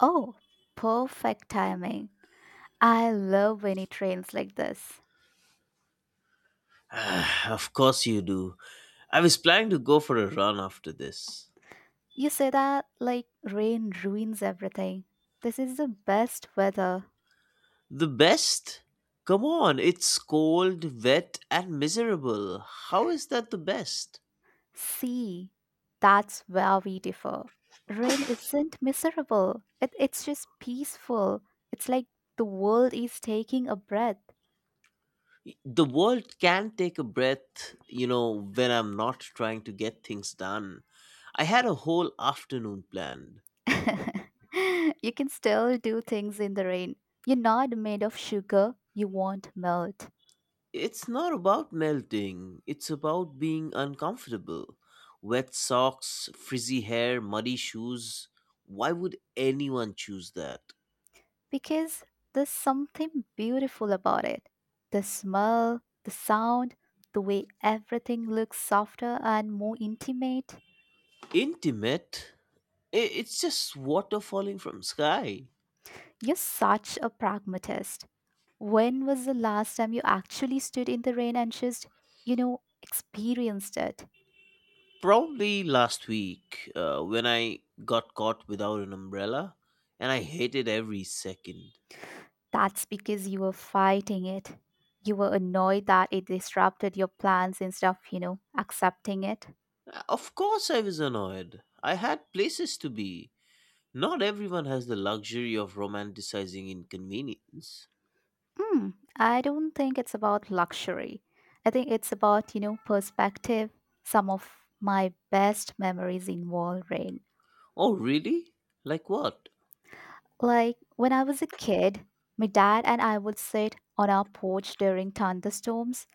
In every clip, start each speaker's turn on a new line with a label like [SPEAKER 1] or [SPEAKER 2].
[SPEAKER 1] Oh, perfect timing. I love when it rains like this.
[SPEAKER 2] Ah, of course you do. I was planning to go for a run after this.
[SPEAKER 1] You say that like rain ruins everything. This is the best weather.
[SPEAKER 2] The best? Come on, it's cold, wet, and miserable. How is that the best?
[SPEAKER 1] See, that's where we differ. Rain isn't miserable, it's just peaceful. It's like the world is taking a breath.
[SPEAKER 2] The world can take a breath, when I'm not trying to get things done. I had a whole afternoon planned.
[SPEAKER 1] You can still do things in the rain. You're not made of sugar, you won't melt.
[SPEAKER 2] It's not about melting, it's about being uncomfortable. Wet socks, frizzy hair, muddy shoes. Why would anyone choose that?
[SPEAKER 1] Because there's something beautiful about it. The smell, the sound, the way everything looks softer and more intimate.
[SPEAKER 2] Intimate? It's just water falling from sky.
[SPEAKER 1] You're such a pragmatist. When was the last time you actually stood in the rain and just experienced it?
[SPEAKER 2] Probably last week when I got caught without an umbrella and I hated every second.
[SPEAKER 1] That's because you were fighting it. You were annoyed that it disrupted your plans instead of accepting it.
[SPEAKER 2] Of course, I was annoyed. I had places to be. Not everyone has the luxury of romanticizing inconvenience.
[SPEAKER 1] Hmm, I don't think it's about luxury. I think it's about perspective. Some of my best memories involve rain.
[SPEAKER 2] Oh, really? Like what?
[SPEAKER 1] Like when I was a kid, my dad and I would sit on our porch during thunderstorms.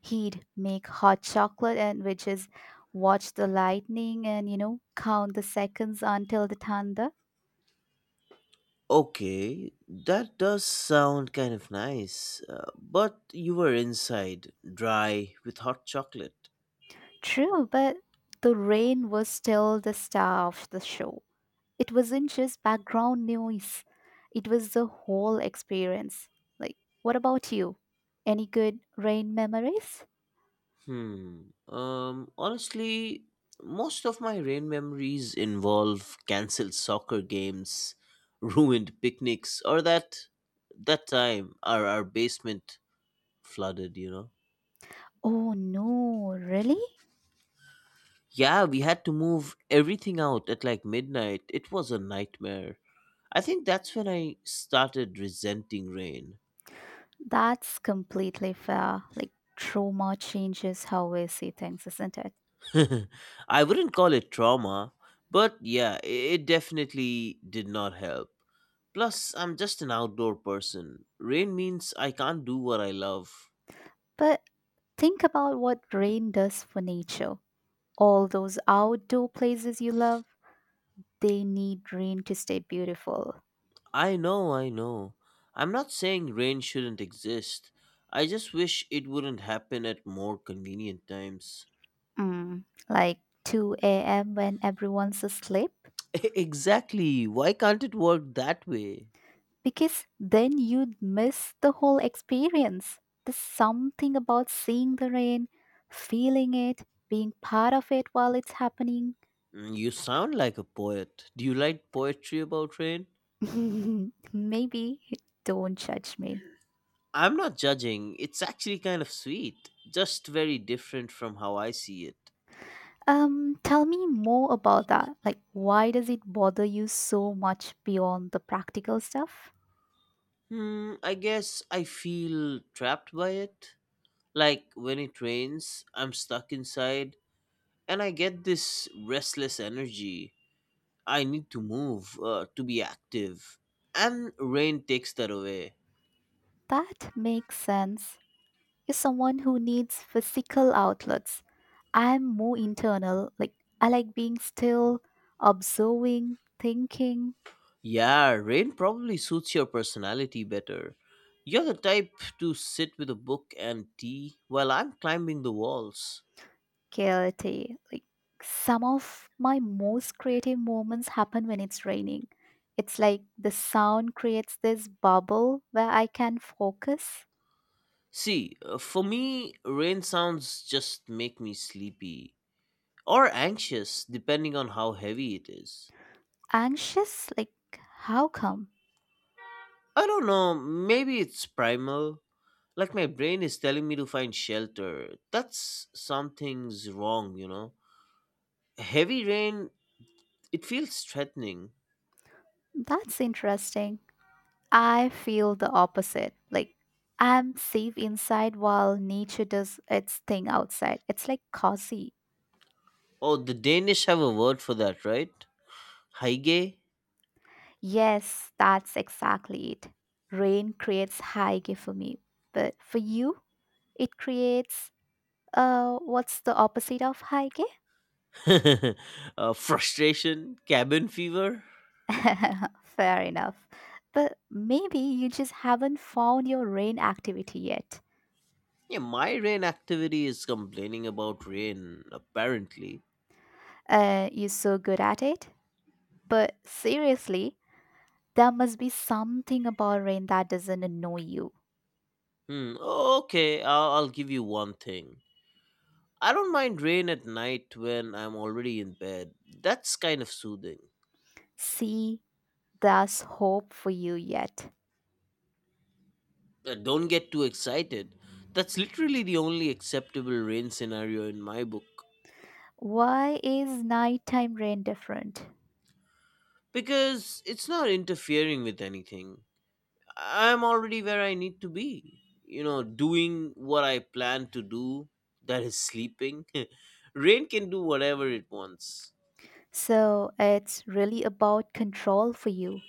[SPEAKER 1] He'd make hot chocolate and we just watch the lightning and count the seconds until the thunder.
[SPEAKER 2] Okay, that does sound kind of nice, but you were inside, dry, with hot chocolate.
[SPEAKER 1] True, but the rain was still the star of the show. It wasn't just background noise. It was the whole experience. Like, what about you? Any good rain memories?
[SPEAKER 2] Hmm. Honestly, most of my rain memories involve cancelled soccer games, ruined picnics, or that time our basement flooded.
[SPEAKER 1] Oh no, really?
[SPEAKER 2] Yeah, we had to move everything out at like midnight. It was a nightmare. I think that's when I started resenting rain.
[SPEAKER 1] That's completely fair. Like, trauma changes how we see things, isn't it?
[SPEAKER 2] I wouldn't call it trauma, but yeah, it definitely did not help. Plus, I'm just an outdoor person. Rain means I can't do what I love.
[SPEAKER 1] But think about what rain does for nature. All those outdoor places you love, they need rain to stay beautiful.
[SPEAKER 2] I know, I know. I'm not saying rain shouldn't exist. I just wish it wouldn't happen at more convenient times.
[SPEAKER 1] Like 2 a.m. when everyone's asleep.
[SPEAKER 2] Exactly. Why can't it work that way?
[SPEAKER 1] Because then you'd miss the whole experience. There's something about seeing the rain, feeling it, being part of it while it's happening.
[SPEAKER 2] Mm, you sound like a poet. Do you like poetry about rain?
[SPEAKER 1] Maybe don't judge me.
[SPEAKER 2] I'm not judging. It's actually kind of sweet, just very different from how I see it.
[SPEAKER 1] Tell me more about that. Like, why does it bother you so much beyond the practical stuff?
[SPEAKER 2] Hmm, I guess I feel trapped by it. Like when it rains, I'm stuck inside, and I get this restless energy. I need to move, to be active. And rain takes that away.
[SPEAKER 1] That makes sense. Is someone who needs physical outlets. I'm more internal. Like I like being still, observing, thinking,
[SPEAKER 2] Yeah, rain probably suits your personality better. You're the type to sit with a book and tea while I'm climbing the walls.
[SPEAKER 1] clarity. Like some of my most creative moments happen when it's raining. It's like the sound creates this bubble where I can focus.
[SPEAKER 2] See, for me, rain sounds just make me sleepy or anxious, depending on how heavy it is.
[SPEAKER 1] Anxious? Like how come?
[SPEAKER 2] I don't know, maybe it's primal. Like my brain is telling me to find shelter. That's something's wrong. Heavy rain, it feels threatening.
[SPEAKER 1] That's interesting. I feel the opposite. Like I'm safe inside while nature does its thing outside. It's like cozy.
[SPEAKER 2] Oh, the Danish have a word for that, right? Heige?
[SPEAKER 1] Yes, that's exactly it. Rain creates hygge for me, but for you, it creates what's the opposite of hygge?
[SPEAKER 2] Frustration? Cabin fever?
[SPEAKER 1] Fair enough. But maybe you just haven't found your rain activity yet.
[SPEAKER 2] Yeah, my rain activity is complaining about rain, apparently.
[SPEAKER 1] You're so good at it. But seriously, there must be something about rain that doesn't annoy you.
[SPEAKER 2] Hmm. Oh, Okay, I'll give you one thing. I don't mind rain at night when I'm already in bed. That's kind of soothing.
[SPEAKER 1] See, there's hope for you yet.
[SPEAKER 2] Don't get too excited. That's literally the only acceptable rain scenario in my book
[SPEAKER 1] Why is nighttime rain different?
[SPEAKER 2] because it's not interfering with anything. I'm already where I need to be. Doing what I plan to do, that is sleeping. Rain can do whatever it wants.
[SPEAKER 1] So, it's really about control for you.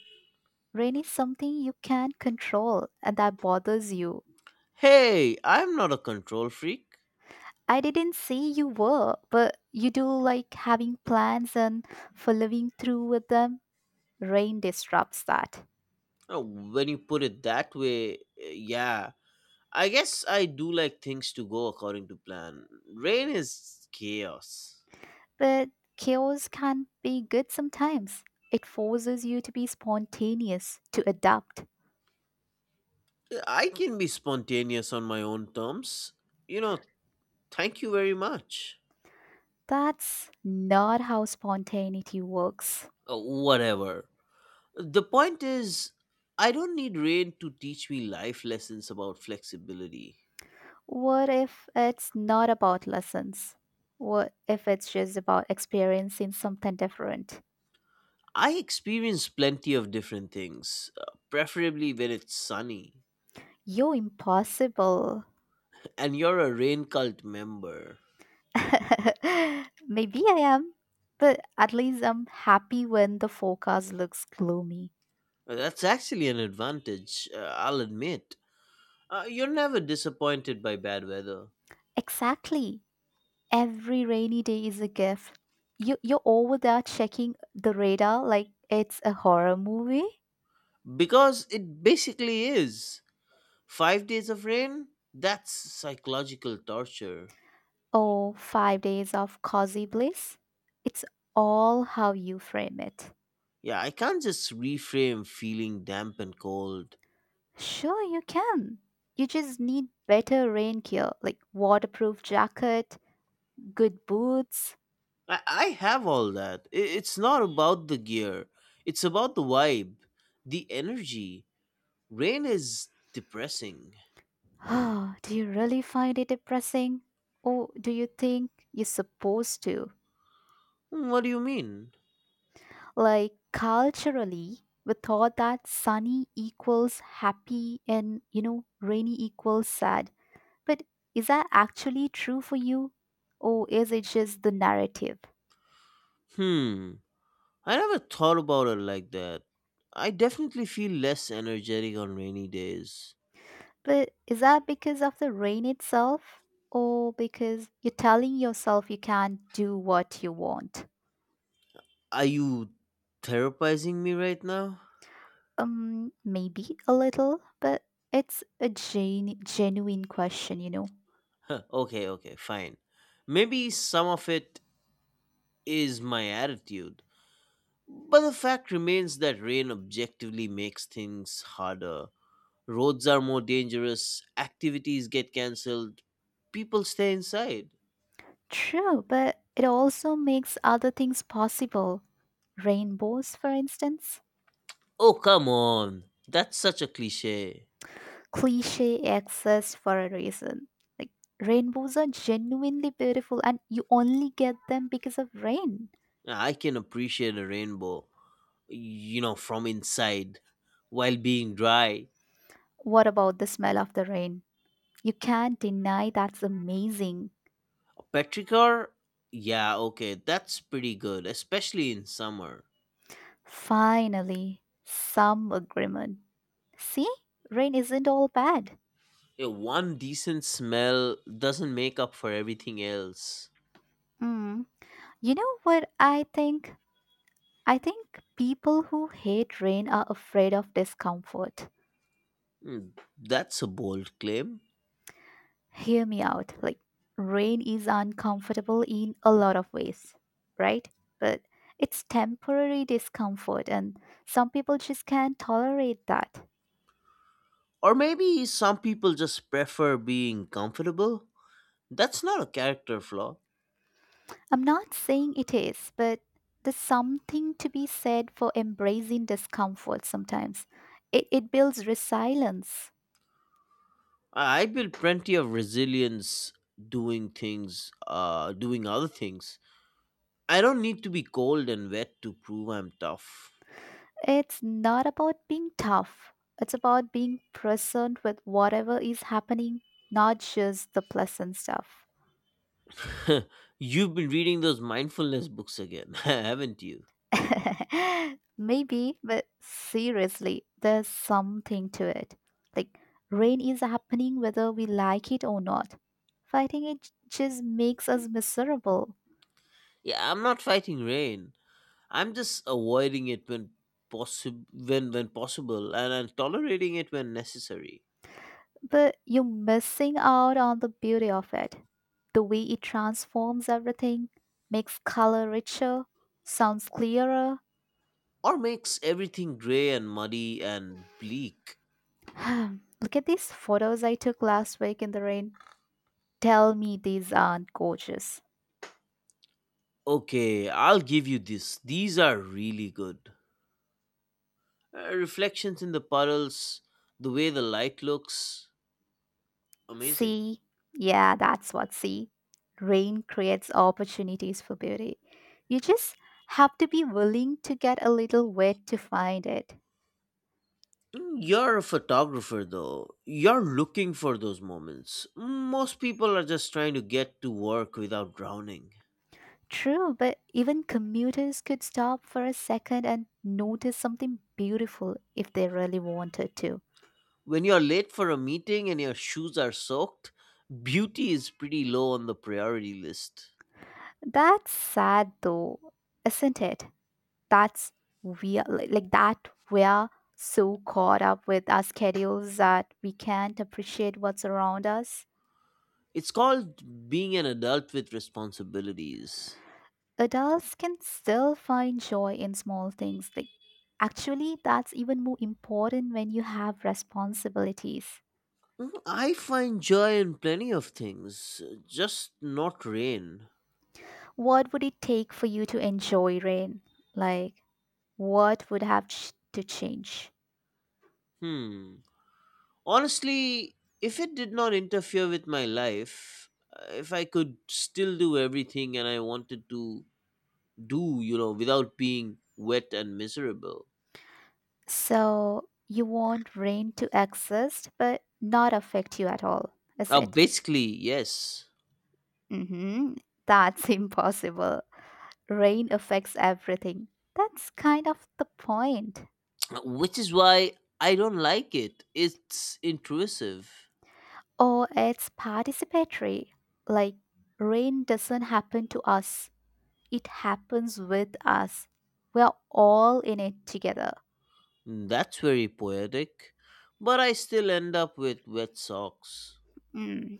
[SPEAKER 1] Rain is something you can't control, and that bothers you.
[SPEAKER 2] Hey, I'm not a control freak.
[SPEAKER 1] I didn't say you were, but you do like having plans and following through with them. Rain disrupts that.
[SPEAKER 2] Oh, when you put it that way, yeah. I guess I do like things to go according to plan. Rain is chaos.
[SPEAKER 1] But chaos can be good sometimes. It forces you to be spontaneous, to adapt.
[SPEAKER 2] I can be spontaneous on my own terms. You know, thank you very much.
[SPEAKER 1] That's not how spontaneity works.
[SPEAKER 2] Whatever. The point is, I don't need rain to teach me life lessons about flexibility.
[SPEAKER 1] What if it's not about lessons? What if it's just about experiencing something different?
[SPEAKER 2] I experience plenty of different things, preferably when it's sunny.
[SPEAKER 1] You're impossible.
[SPEAKER 2] And you're a rain cult member.
[SPEAKER 1] Maybe I am, but at least I'm happy when the forecast looks gloomy.
[SPEAKER 2] That's actually an advantage, I'll admit. You're never disappointed by bad weather.
[SPEAKER 1] Exactly. Every rainy day is a gift. You're over there checking the radar like it's a horror movie.
[SPEAKER 2] Because it basically is. 5 days of rain? That's psychological torture.
[SPEAKER 1] Or 5 days of cozy bliss. It's all how you frame it.
[SPEAKER 2] Yeah, I can't just reframe feeling damp and cold.
[SPEAKER 1] Sure, you can. You just need better rain gear, like waterproof jacket, good boots.
[SPEAKER 2] I have all that. It's not about the gear, it's about the vibe, the energy. Rain is depressing.
[SPEAKER 1] Do you really find it depressing? Or do you think you're supposed to?
[SPEAKER 2] Hmm, what do you mean?
[SPEAKER 1] Like culturally, we thought that sunny equals happy and rainy equals sad. But is that actually true for you? Or is it just the narrative?
[SPEAKER 2] Hmm. I never thought about it like that. I definitely feel less energetic on rainy days.
[SPEAKER 1] But is that because of the rain itself? Or because you're telling yourself you can't do what you want?
[SPEAKER 2] Are you therapizing me right now?
[SPEAKER 1] Maybe a little, but it's a genuine question.
[SPEAKER 2] Huh, okay, okay, fine. Maybe some of it is my attitude. But the fact remains that rain objectively makes things harder. Roads are more dangerous, activities get cancelled, people stay inside.
[SPEAKER 1] True, but it also makes other things possible. Rainbows, for instance.
[SPEAKER 2] Oh, come on. That's such a cliche.
[SPEAKER 1] Cliche exists for a reason. Like, rainbows are genuinely beautiful and you only get them because of rain.
[SPEAKER 2] I can appreciate a rainbow, from inside, while being dry.
[SPEAKER 1] What about the smell of the rain? You can't deny that's amazing.
[SPEAKER 2] Petrichor, yeah. Okay, that's pretty good, especially in summer.
[SPEAKER 1] Finally, some agreement. See, rain isn't all bad.
[SPEAKER 2] Yeah, one decent smell doesn't make up for everything else.
[SPEAKER 1] Mm. You know what I think? I think people who hate rain are afraid of discomfort.
[SPEAKER 2] Hmm, that's a bold claim.
[SPEAKER 1] Hear me out. Like, rain is uncomfortable in a lot of ways, right? But it's temporary discomfort, and some people just can't tolerate that.
[SPEAKER 2] Or maybe some people just prefer being comfortable. That's not a character flaw.
[SPEAKER 1] I'm not saying it is, but there's something to be said for embracing discomfort sometimes. It builds resilience.
[SPEAKER 2] I built plenty of resilience doing things, doing other things. I don't need to be cold and wet to prove I'm tough.
[SPEAKER 1] It's not about being tough. It's about being present with whatever is happening, not just the pleasant stuff.
[SPEAKER 2] You've been reading those mindfulness books again, haven't you?
[SPEAKER 1] Maybe, but seriously, there's something to it. Like, rain is happening whether we like it or not. Fighting it just makes us miserable.
[SPEAKER 2] Yeah, I'm not fighting rain. I'm just avoiding it when possible when possible, and I'm tolerating it when necessary.
[SPEAKER 1] But you're missing out on the beauty of it. The way it transforms everything, makes color richer, sounds clearer.
[SPEAKER 2] Or makes everything gray and muddy and bleak.
[SPEAKER 1] Look at these photos I took last week in the rain. Tell me these aren't gorgeous.
[SPEAKER 2] Okay, I'll give you this. These are really good. Reflections in the puddles, the way the light looks, amazing.
[SPEAKER 1] See? Yeah, that's what see. Rain creates opportunities for beauty. You just have to be willing to get a little wet to find it.
[SPEAKER 2] Mm, you're a photographer though. You're looking for those moments. Most people are just trying to get to work without drowning.
[SPEAKER 1] True, but even commuters could stop for a second and notice something beautiful if they really wanted to.
[SPEAKER 2] When you're late for a meeting and your shoes are soaked, beauty is pretty low on the priority list.
[SPEAKER 1] That's sad though, isn't it? That's, we like that we're so caught up with our schedules that we can't appreciate what's around us.
[SPEAKER 2] It's called being an adult with responsibilities.
[SPEAKER 1] Adults can still find joy in small things. Like, actually that's even more important when you have responsibilities.
[SPEAKER 2] Mm, I find joy in plenty of things, just not rain.
[SPEAKER 1] What would it take for you to enjoy rain? Like, what would have to change?
[SPEAKER 2] Hmm. Honestly, if it did not interfere with my life, if I could still do everything and I wanted to do, without being wet and miserable.
[SPEAKER 1] So you want rain to exist but not affect you at all, is it?
[SPEAKER 2] Basically, yes.
[SPEAKER 1] hmm That's impossible. Rain affects everything. That's kind of the point.
[SPEAKER 2] Which is why I don't like it. It's intrusive.
[SPEAKER 1] Or it's participatory. Like, rain doesn't happen to us, it happens with us. We're all in it together.
[SPEAKER 2] That's very poetic. But I still end up with wet socks.
[SPEAKER 1] Mm.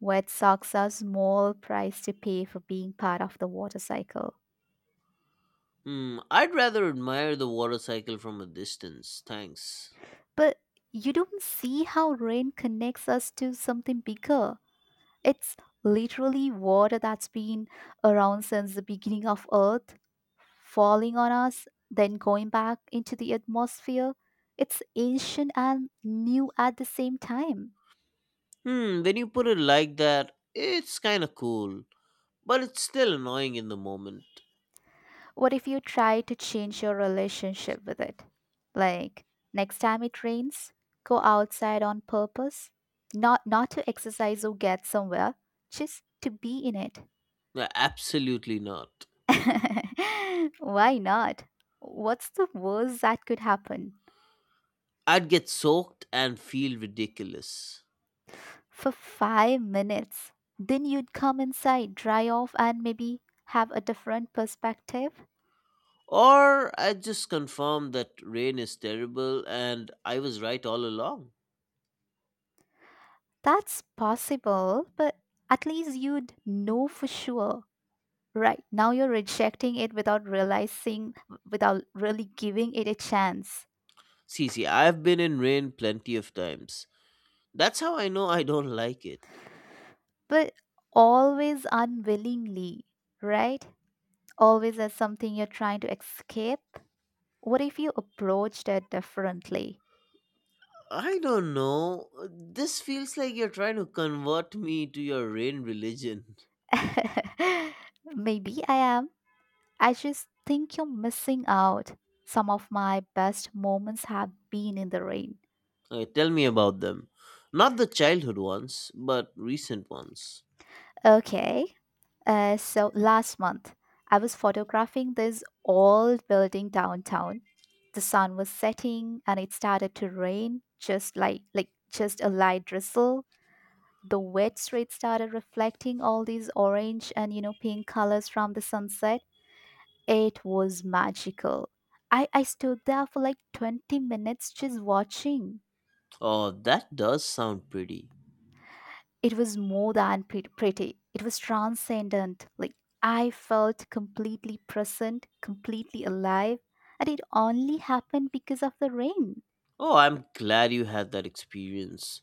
[SPEAKER 1] Wet socks are small price to pay for being part of the water cycle.
[SPEAKER 2] Hmm, I'd rather admire the water cycle from a distance. Thanks.
[SPEAKER 1] But you don't see how rain connects us to something bigger. It's literally water that's been around since the beginning of Earth, falling on us, then going back into the atmosphere. It's ancient and new at the same time.
[SPEAKER 2] Hmm, when you put it like that, it's kind of cool. But it's still annoying in the moment.
[SPEAKER 1] What if you try to change your relationship with it? Like, next time it rains, go outside on purpose, not to exercise or get somewhere, just to be in it.
[SPEAKER 2] No, absolutely not.
[SPEAKER 1] Why not? What's the worst that could happen?
[SPEAKER 2] I'd get soaked and feel ridiculous.
[SPEAKER 1] For 5 minutes. Then you'd come inside, dry off, and maybe have a different perspective.
[SPEAKER 2] Or I'd just confirm that rain is terrible and I was right all along.
[SPEAKER 1] That's possible, but at least you'd know for sure. Right now, you're rejecting it without realizing, without really giving it a chance,
[SPEAKER 2] See, see, I've been in rain plenty of times. That's how I know I don't like it.
[SPEAKER 1] but always unwillingly, right? Always as something you're trying to escape. What if you approached it differently?
[SPEAKER 2] I don't know. This feels like you're trying to convert me to your rain religion.
[SPEAKER 1] Maybe I am. I just think you're missing out. Some of my best moments have been in the rain.
[SPEAKER 2] Okay, tell me about them. Not the childhood ones, but recent ones.
[SPEAKER 1] Okay, so last month I was photographing this old building downtown. The sun was setting and it started to rain, just like just a light drizzle. The wet street started reflecting all these orange and pink colors from the sunset. It was magical. I stood there for like 20 minutes just watching.
[SPEAKER 2] Oh, that does sound pretty.
[SPEAKER 1] It was more than pretty, it was transcendent. Like, I felt completely present, completely alive, and it only happened because of the rain.
[SPEAKER 2] Oh, I'm glad you had that experience.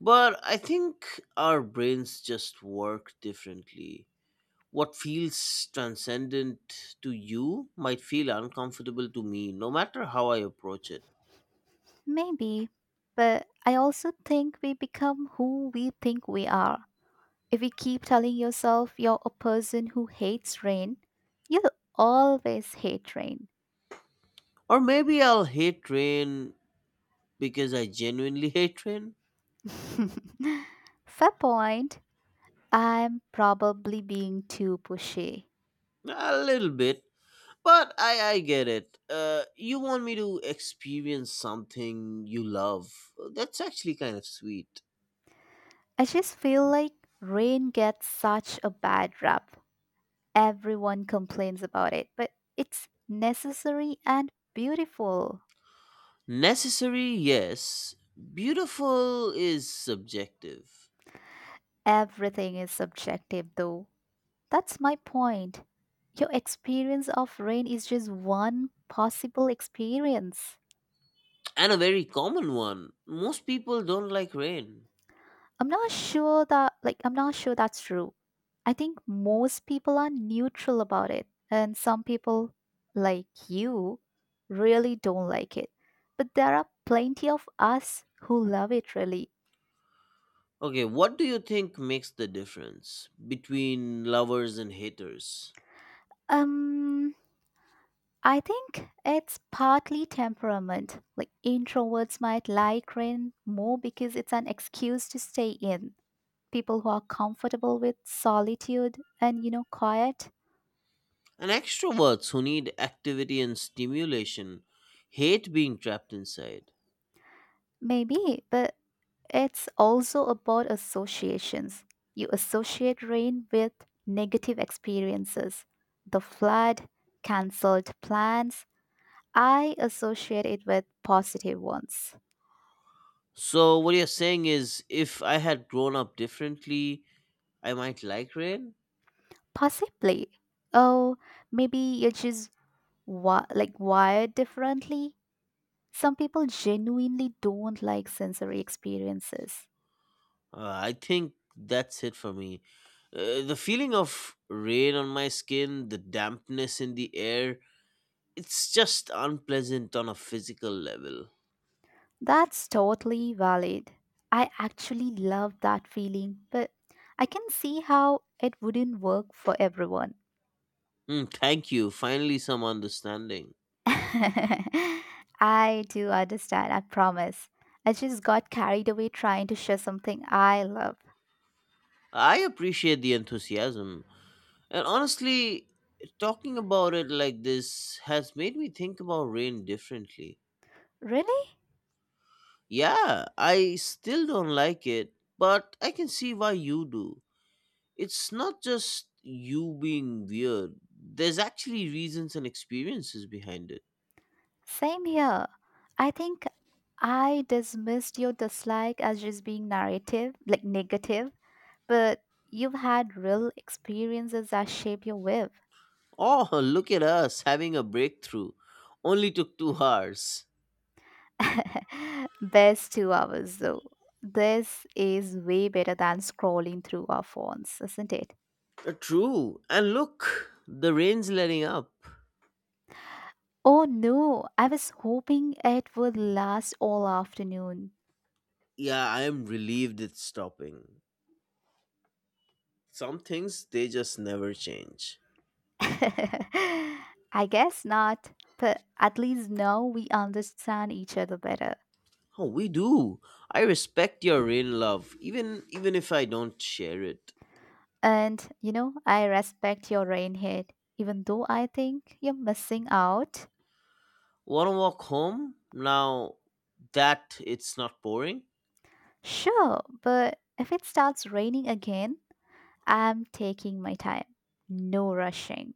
[SPEAKER 2] But I think our brains just work differently. What feels transcendent to you might feel uncomfortable to me, no matter how I approach it.
[SPEAKER 1] Maybe. But I also think we become who we think we are. If you keep telling yourself you're a person who hates rain, you'll always hate rain.
[SPEAKER 2] Or maybe I'll hate rain because I genuinely hate rain.
[SPEAKER 1] Fair point. I'm probably being too pushy.
[SPEAKER 2] A little bit. But I get it. You want me to experience something you love. That's actually kind of sweet.
[SPEAKER 1] I just feel like rain gets such a bad rap. Everyone complains about it, but it's necessary and beautiful.
[SPEAKER 2] Necessary, yes. Beautiful is subjective.
[SPEAKER 1] Everything is subjective, though. That's my point. Your experience of rain is just one possible experience.
[SPEAKER 2] And a very common one. Most people don't like rain.
[SPEAKER 1] I'm not sure that's true. I think most people are neutral about it and some people like you really don't like it. But there are plenty of us who love it really.
[SPEAKER 2] Okay, what do you think makes the difference between lovers and haters?
[SPEAKER 1] Um I think it's partly temperament. Like introverts might like rain more because it's an excuse to stay in. People who are comfortable with solitude and quiet.
[SPEAKER 2] And extroverts who need activity and stimulation hate being trapped inside.
[SPEAKER 1] Maybe, but it's also about associations. You associate rain with negative experiences, the flood, cancelled plans. I associate it with positive ones.
[SPEAKER 2] So, what you're saying is if I had grown up differently, I might like rain?
[SPEAKER 1] Possibly. Oh, maybe you're just wired differently. Some people genuinely don't like sensory experiences.
[SPEAKER 2] I think that's it for me. The feeling of rain on my skin, the dampness in the air, it's just unpleasant on a physical level.
[SPEAKER 1] That's totally valid. I actually love that feeling, but I can see how it wouldn't work for everyone.
[SPEAKER 2] Hmm, thank you. Finally, some understanding.
[SPEAKER 1] I do understand, I promise. I just got carried away trying to share something I love.
[SPEAKER 2] I appreciate the enthusiasm. And honestly, talking about it like this has made me think about rain differently.
[SPEAKER 1] Really?
[SPEAKER 2] Yeah, I still don't like it, but I can see why you do. It's not just you being weird, there's actually reasons and experiences behind it.
[SPEAKER 1] Same here. I think I dismissed your dislike as just being narrative, like negative, but you've had real experiences that shape your will.
[SPEAKER 2] Oh, look at us having a breakthrough. Only took 2 hours.
[SPEAKER 1] Best 2 hours, though. This is way better than scrolling through our phones, isn't it?
[SPEAKER 2] True. And look, the rain's letting up.
[SPEAKER 1] Oh no, I was hoping it would last all afternoon.
[SPEAKER 2] Yeah, I am relieved it's stopping. Some things, they just never change.
[SPEAKER 1] I guess not, but at least now we understand each other better.
[SPEAKER 2] Oh, we do. I respect your rain love, even if I don't share it.
[SPEAKER 1] And, I respect your rain head, even though I think you're missing out.
[SPEAKER 2] Wanna walk home? Now that it's not pouring?
[SPEAKER 1] Sure, but if it starts raining again, I'm taking my time. No rushing.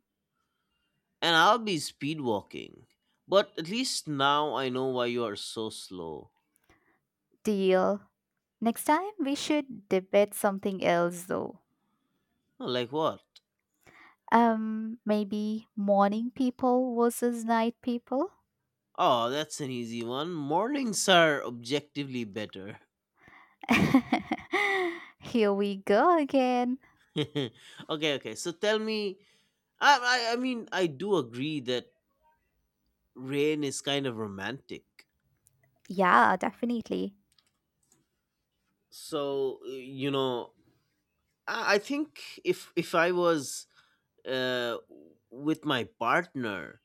[SPEAKER 2] And I'll be speed walking. But at least now I know why you are so slow.
[SPEAKER 1] Deal. Next time we should debate something else though.
[SPEAKER 2] Oh, like what?
[SPEAKER 1] Maybe morning people versus night people.
[SPEAKER 2] Oh, that's an easy one. Mornings are objectively better.
[SPEAKER 1] Here we go again.
[SPEAKER 2] Okay, okay. So tell me. I mean, I do agree that rain is kind of romantic.
[SPEAKER 1] Yeah, definitely.
[SPEAKER 2] So you know, I think if I was, uh, with my partner,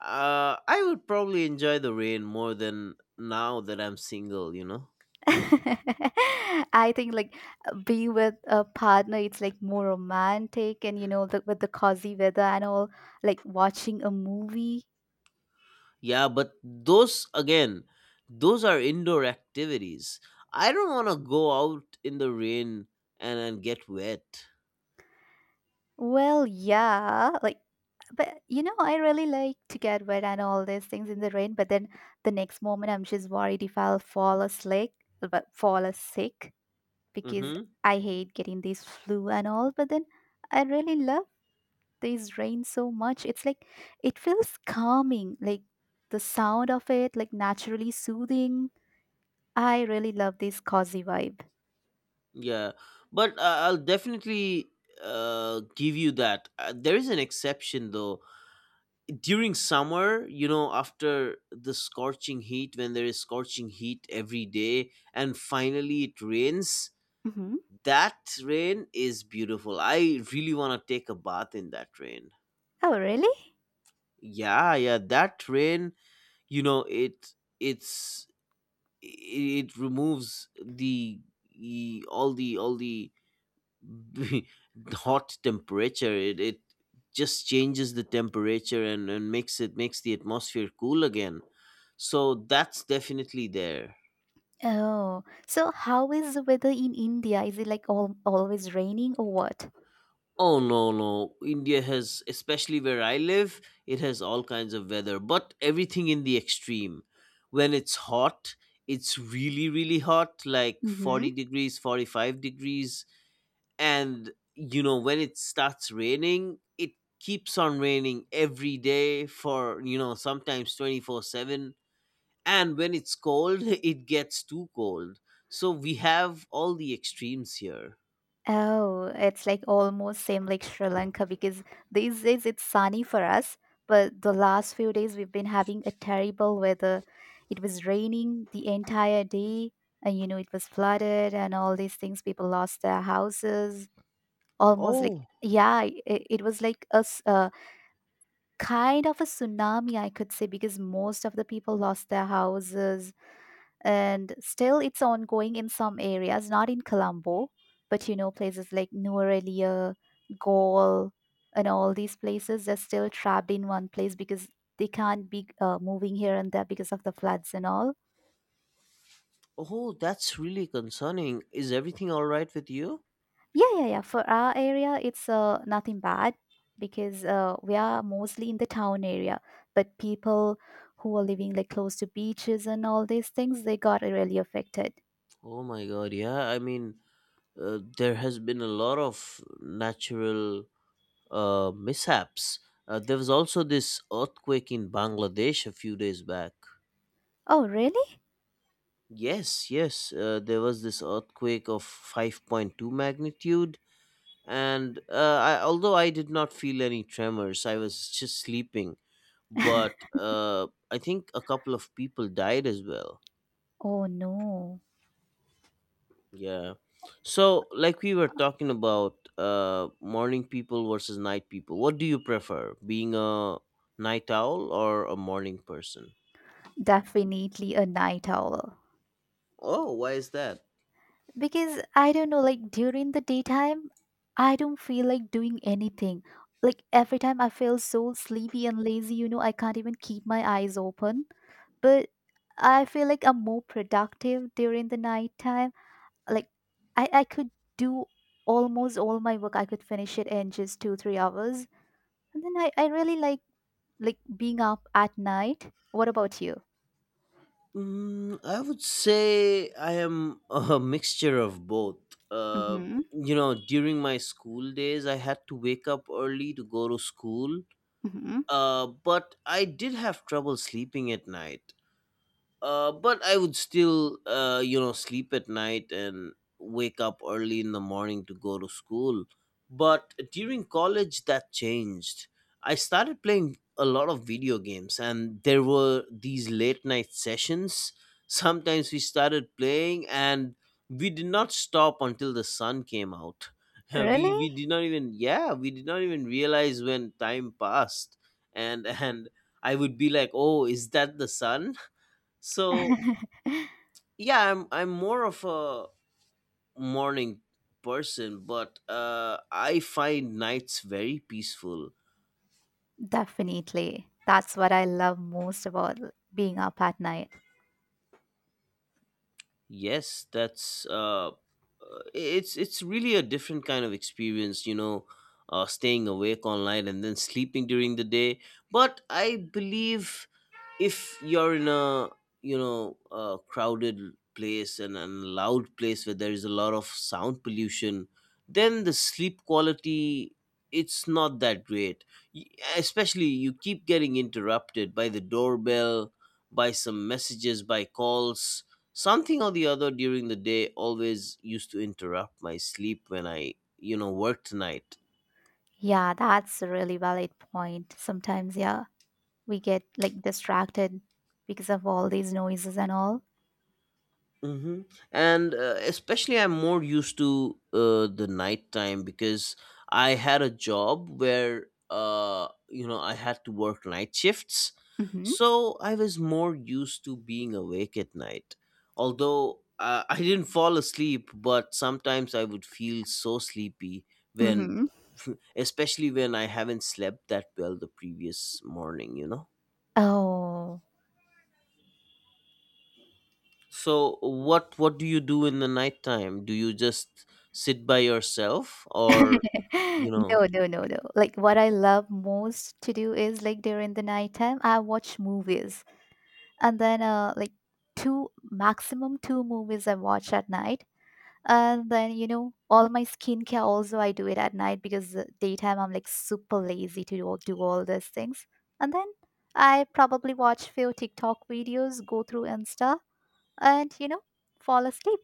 [SPEAKER 2] I would probably enjoy the rain more than now that I'm single. You know.
[SPEAKER 1] I think like being with a partner it's like more romantic and you know with the cozy weather and all like watching a movie.
[SPEAKER 2] Yeah, but those again, those are indoor activities. I don't want to go out in the rain and get wet.
[SPEAKER 1] Well, yeah, like, but you know, I really like to get wet and all these things in the rain. But then the next moment, I'm just worried if I'll fall asleep, but fall as sick because
[SPEAKER 2] Mm-hmm.
[SPEAKER 1] I hate getting this flu and all. But then I really love this rain so much. It's like it feels calming, like the sound of it, like naturally soothing. I really love this cozy vibe.
[SPEAKER 2] Yeah, but I'll definitely, give you that. There is an exception though. During summer, you know, after the scorching heat, when there is scorching heat every day, and finally it rains,
[SPEAKER 1] Hmm.
[SPEAKER 2] that rain is beautiful. I really want to take a bath in that rain.
[SPEAKER 1] Oh, really?
[SPEAKER 2] Yeah, yeah, that train, you know, it's it removes the all the all the the hot temperature, it just changes the temperature and makes it makes the atmosphere cool again. So that's definitely there.
[SPEAKER 1] Oh, so how is the weather in India? Is it like always raining or what?
[SPEAKER 2] Oh no, no. India has, especially where I live, it has all kinds of weather, but everything in the extreme. When it's hot, it's really, really hot, like
[SPEAKER 1] Mm-hmm.
[SPEAKER 2] 40 degrees, 45 degrees. And, you know, when it starts raining, it keeps on raining every day for, you know, sometimes 24/7. And when it's cold, it gets too cold. So we have all the extremes here.
[SPEAKER 1] Oh, it's like almost same like Sri Lanka because these days it's sunny for us, but the last few days we've been having a terrible weather. It was raining the entire day, and you know it was flooded and all these things. People lost their houses. Almost like.
[SPEAKER 2] Oh,
[SPEAKER 1] Yeah, it was like kind of a tsunami, I could say, because most of the people lost their houses and still it's ongoing in some areas, not in colombo, but you know places like Nuerelia, gaul and all these places. They're still trapped in one place because they can't be moving here and there because of the floods and all.
[SPEAKER 2] oh, that's really concerning. Is everything all right with you?
[SPEAKER 1] Yeah, yeah, yeah, for our area it's nothing bad because we are mostly in the town area, but people who are living like close to beaches and all these things, they got really affected.
[SPEAKER 2] Oh my God, yeah. I mean, there has been a lot of natural, mishaps. There was also this earthquake in Bangladesh a few days back.
[SPEAKER 1] Oh, really?
[SPEAKER 2] Yes, yes, there was this earthquake of 5.2 magnitude. And although I did not feel any tremors, I was just sleeping. But I think a couple of people died as well.
[SPEAKER 1] Oh no.
[SPEAKER 2] Yeah. So, like we were talking about, morning people versus night people. What do you prefer? Being a night owl or a morning person?
[SPEAKER 1] Definitely a night owl.
[SPEAKER 2] Oh, why is that?
[SPEAKER 1] Because I don't know, like during the daytime, I don't feel like doing anything. Like every time I feel so sleepy and lazy, you know, I can't even keep my eyes open. But I feel like I'm more productive during the nighttime. Like I could do almost all my work. I could finish it in just 2, 3 hours. And then I really like being up at night. What about you?
[SPEAKER 2] Mm, I would say I am a mixture of both. Uh
[SPEAKER 1] Mm-hmm.
[SPEAKER 2] you know, during my school days, I had to wake up early to go to school.
[SPEAKER 1] Mm-hmm.
[SPEAKER 2] But I did have trouble sleeping at night. But I would still, you know, sleep at night and wake up early in the morning to go to school. But during college, that changed. I started playing a lot of video games, and there were these late night sessions. Sometimes we started playing, and we did not stop until the sun came out. We
[SPEAKER 1] Really?
[SPEAKER 2] we did not even, yeah, we did not even realize when time passed, and and I would be like, oh, is that the sun? So yeah, I'm more of a morning person, but I find nights very peaceful.
[SPEAKER 1] Definitely. That's what I love most about being up at night.
[SPEAKER 2] Yes, that's, it's really a different kind of experience, you know, staying awake all night and then sleeping during the day. But I believe if you're in a, you know, a crowded place and a loud place where there is a lot of sound pollution, then the sleep quality, it's not that great. Y- especially, you keep getting interrupted by the doorbell, by some messages, by calls, something or the other during the day always used to interrupt my sleep when I you know worked tonight.
[SPEAKER 1] Yeah, that's a really valid point. Sometimes, yeah, we get like distracted because of all these noises and all.
[SPEAKER 2] Mm-hmm. And especially, I'm more used to the nighttime because I had a job where, you know, I had to work night shifts.
[SPEAKER 1] Mm-hmm.
[SPEAKER 2] So I was more used to being awake at night. Although I didn't fall asleep, but sometimes I would feel so sleepy when,
[SPEAKER 1] Mm-hmm.
[SPEAKER 2] especially when I haven't slept that well the previous morning, you know?
[SPEAKER 1] Oh.
[SPEAKER 2] So what do you do in the nighttime? Do you just sit by yourself or you know?
[SPEAKER 1] No, no, no, no. Like what I love most to do is like during the nighttime, I watch movies. And then like two maximum two movies I watch at night. And then, you know, all my skincare also I do it at night because daytime I'm like super lazy to do all these things. And then I probably watch few TikTok videos, go through Insta, and you know, fall asleep.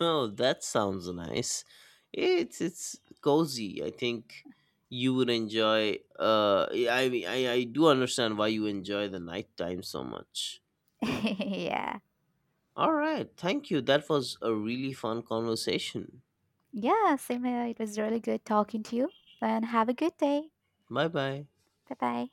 [SPEAKER 2] Oh, that sounds nice. It's cozy. I think you would enjoy, I mean, I do understand why you enjoy the nighttime so much.
[SPEAKER 1] Yeah.
[SPEAKER 2] All right. Thank you. That was a really fun conversation.
[SPEAKER 1] Yeah, same here. It was really good talking to you. And have a good day.
[SPEAKER 2] Bye-bye.
[SPEAKER 1] Bye bye.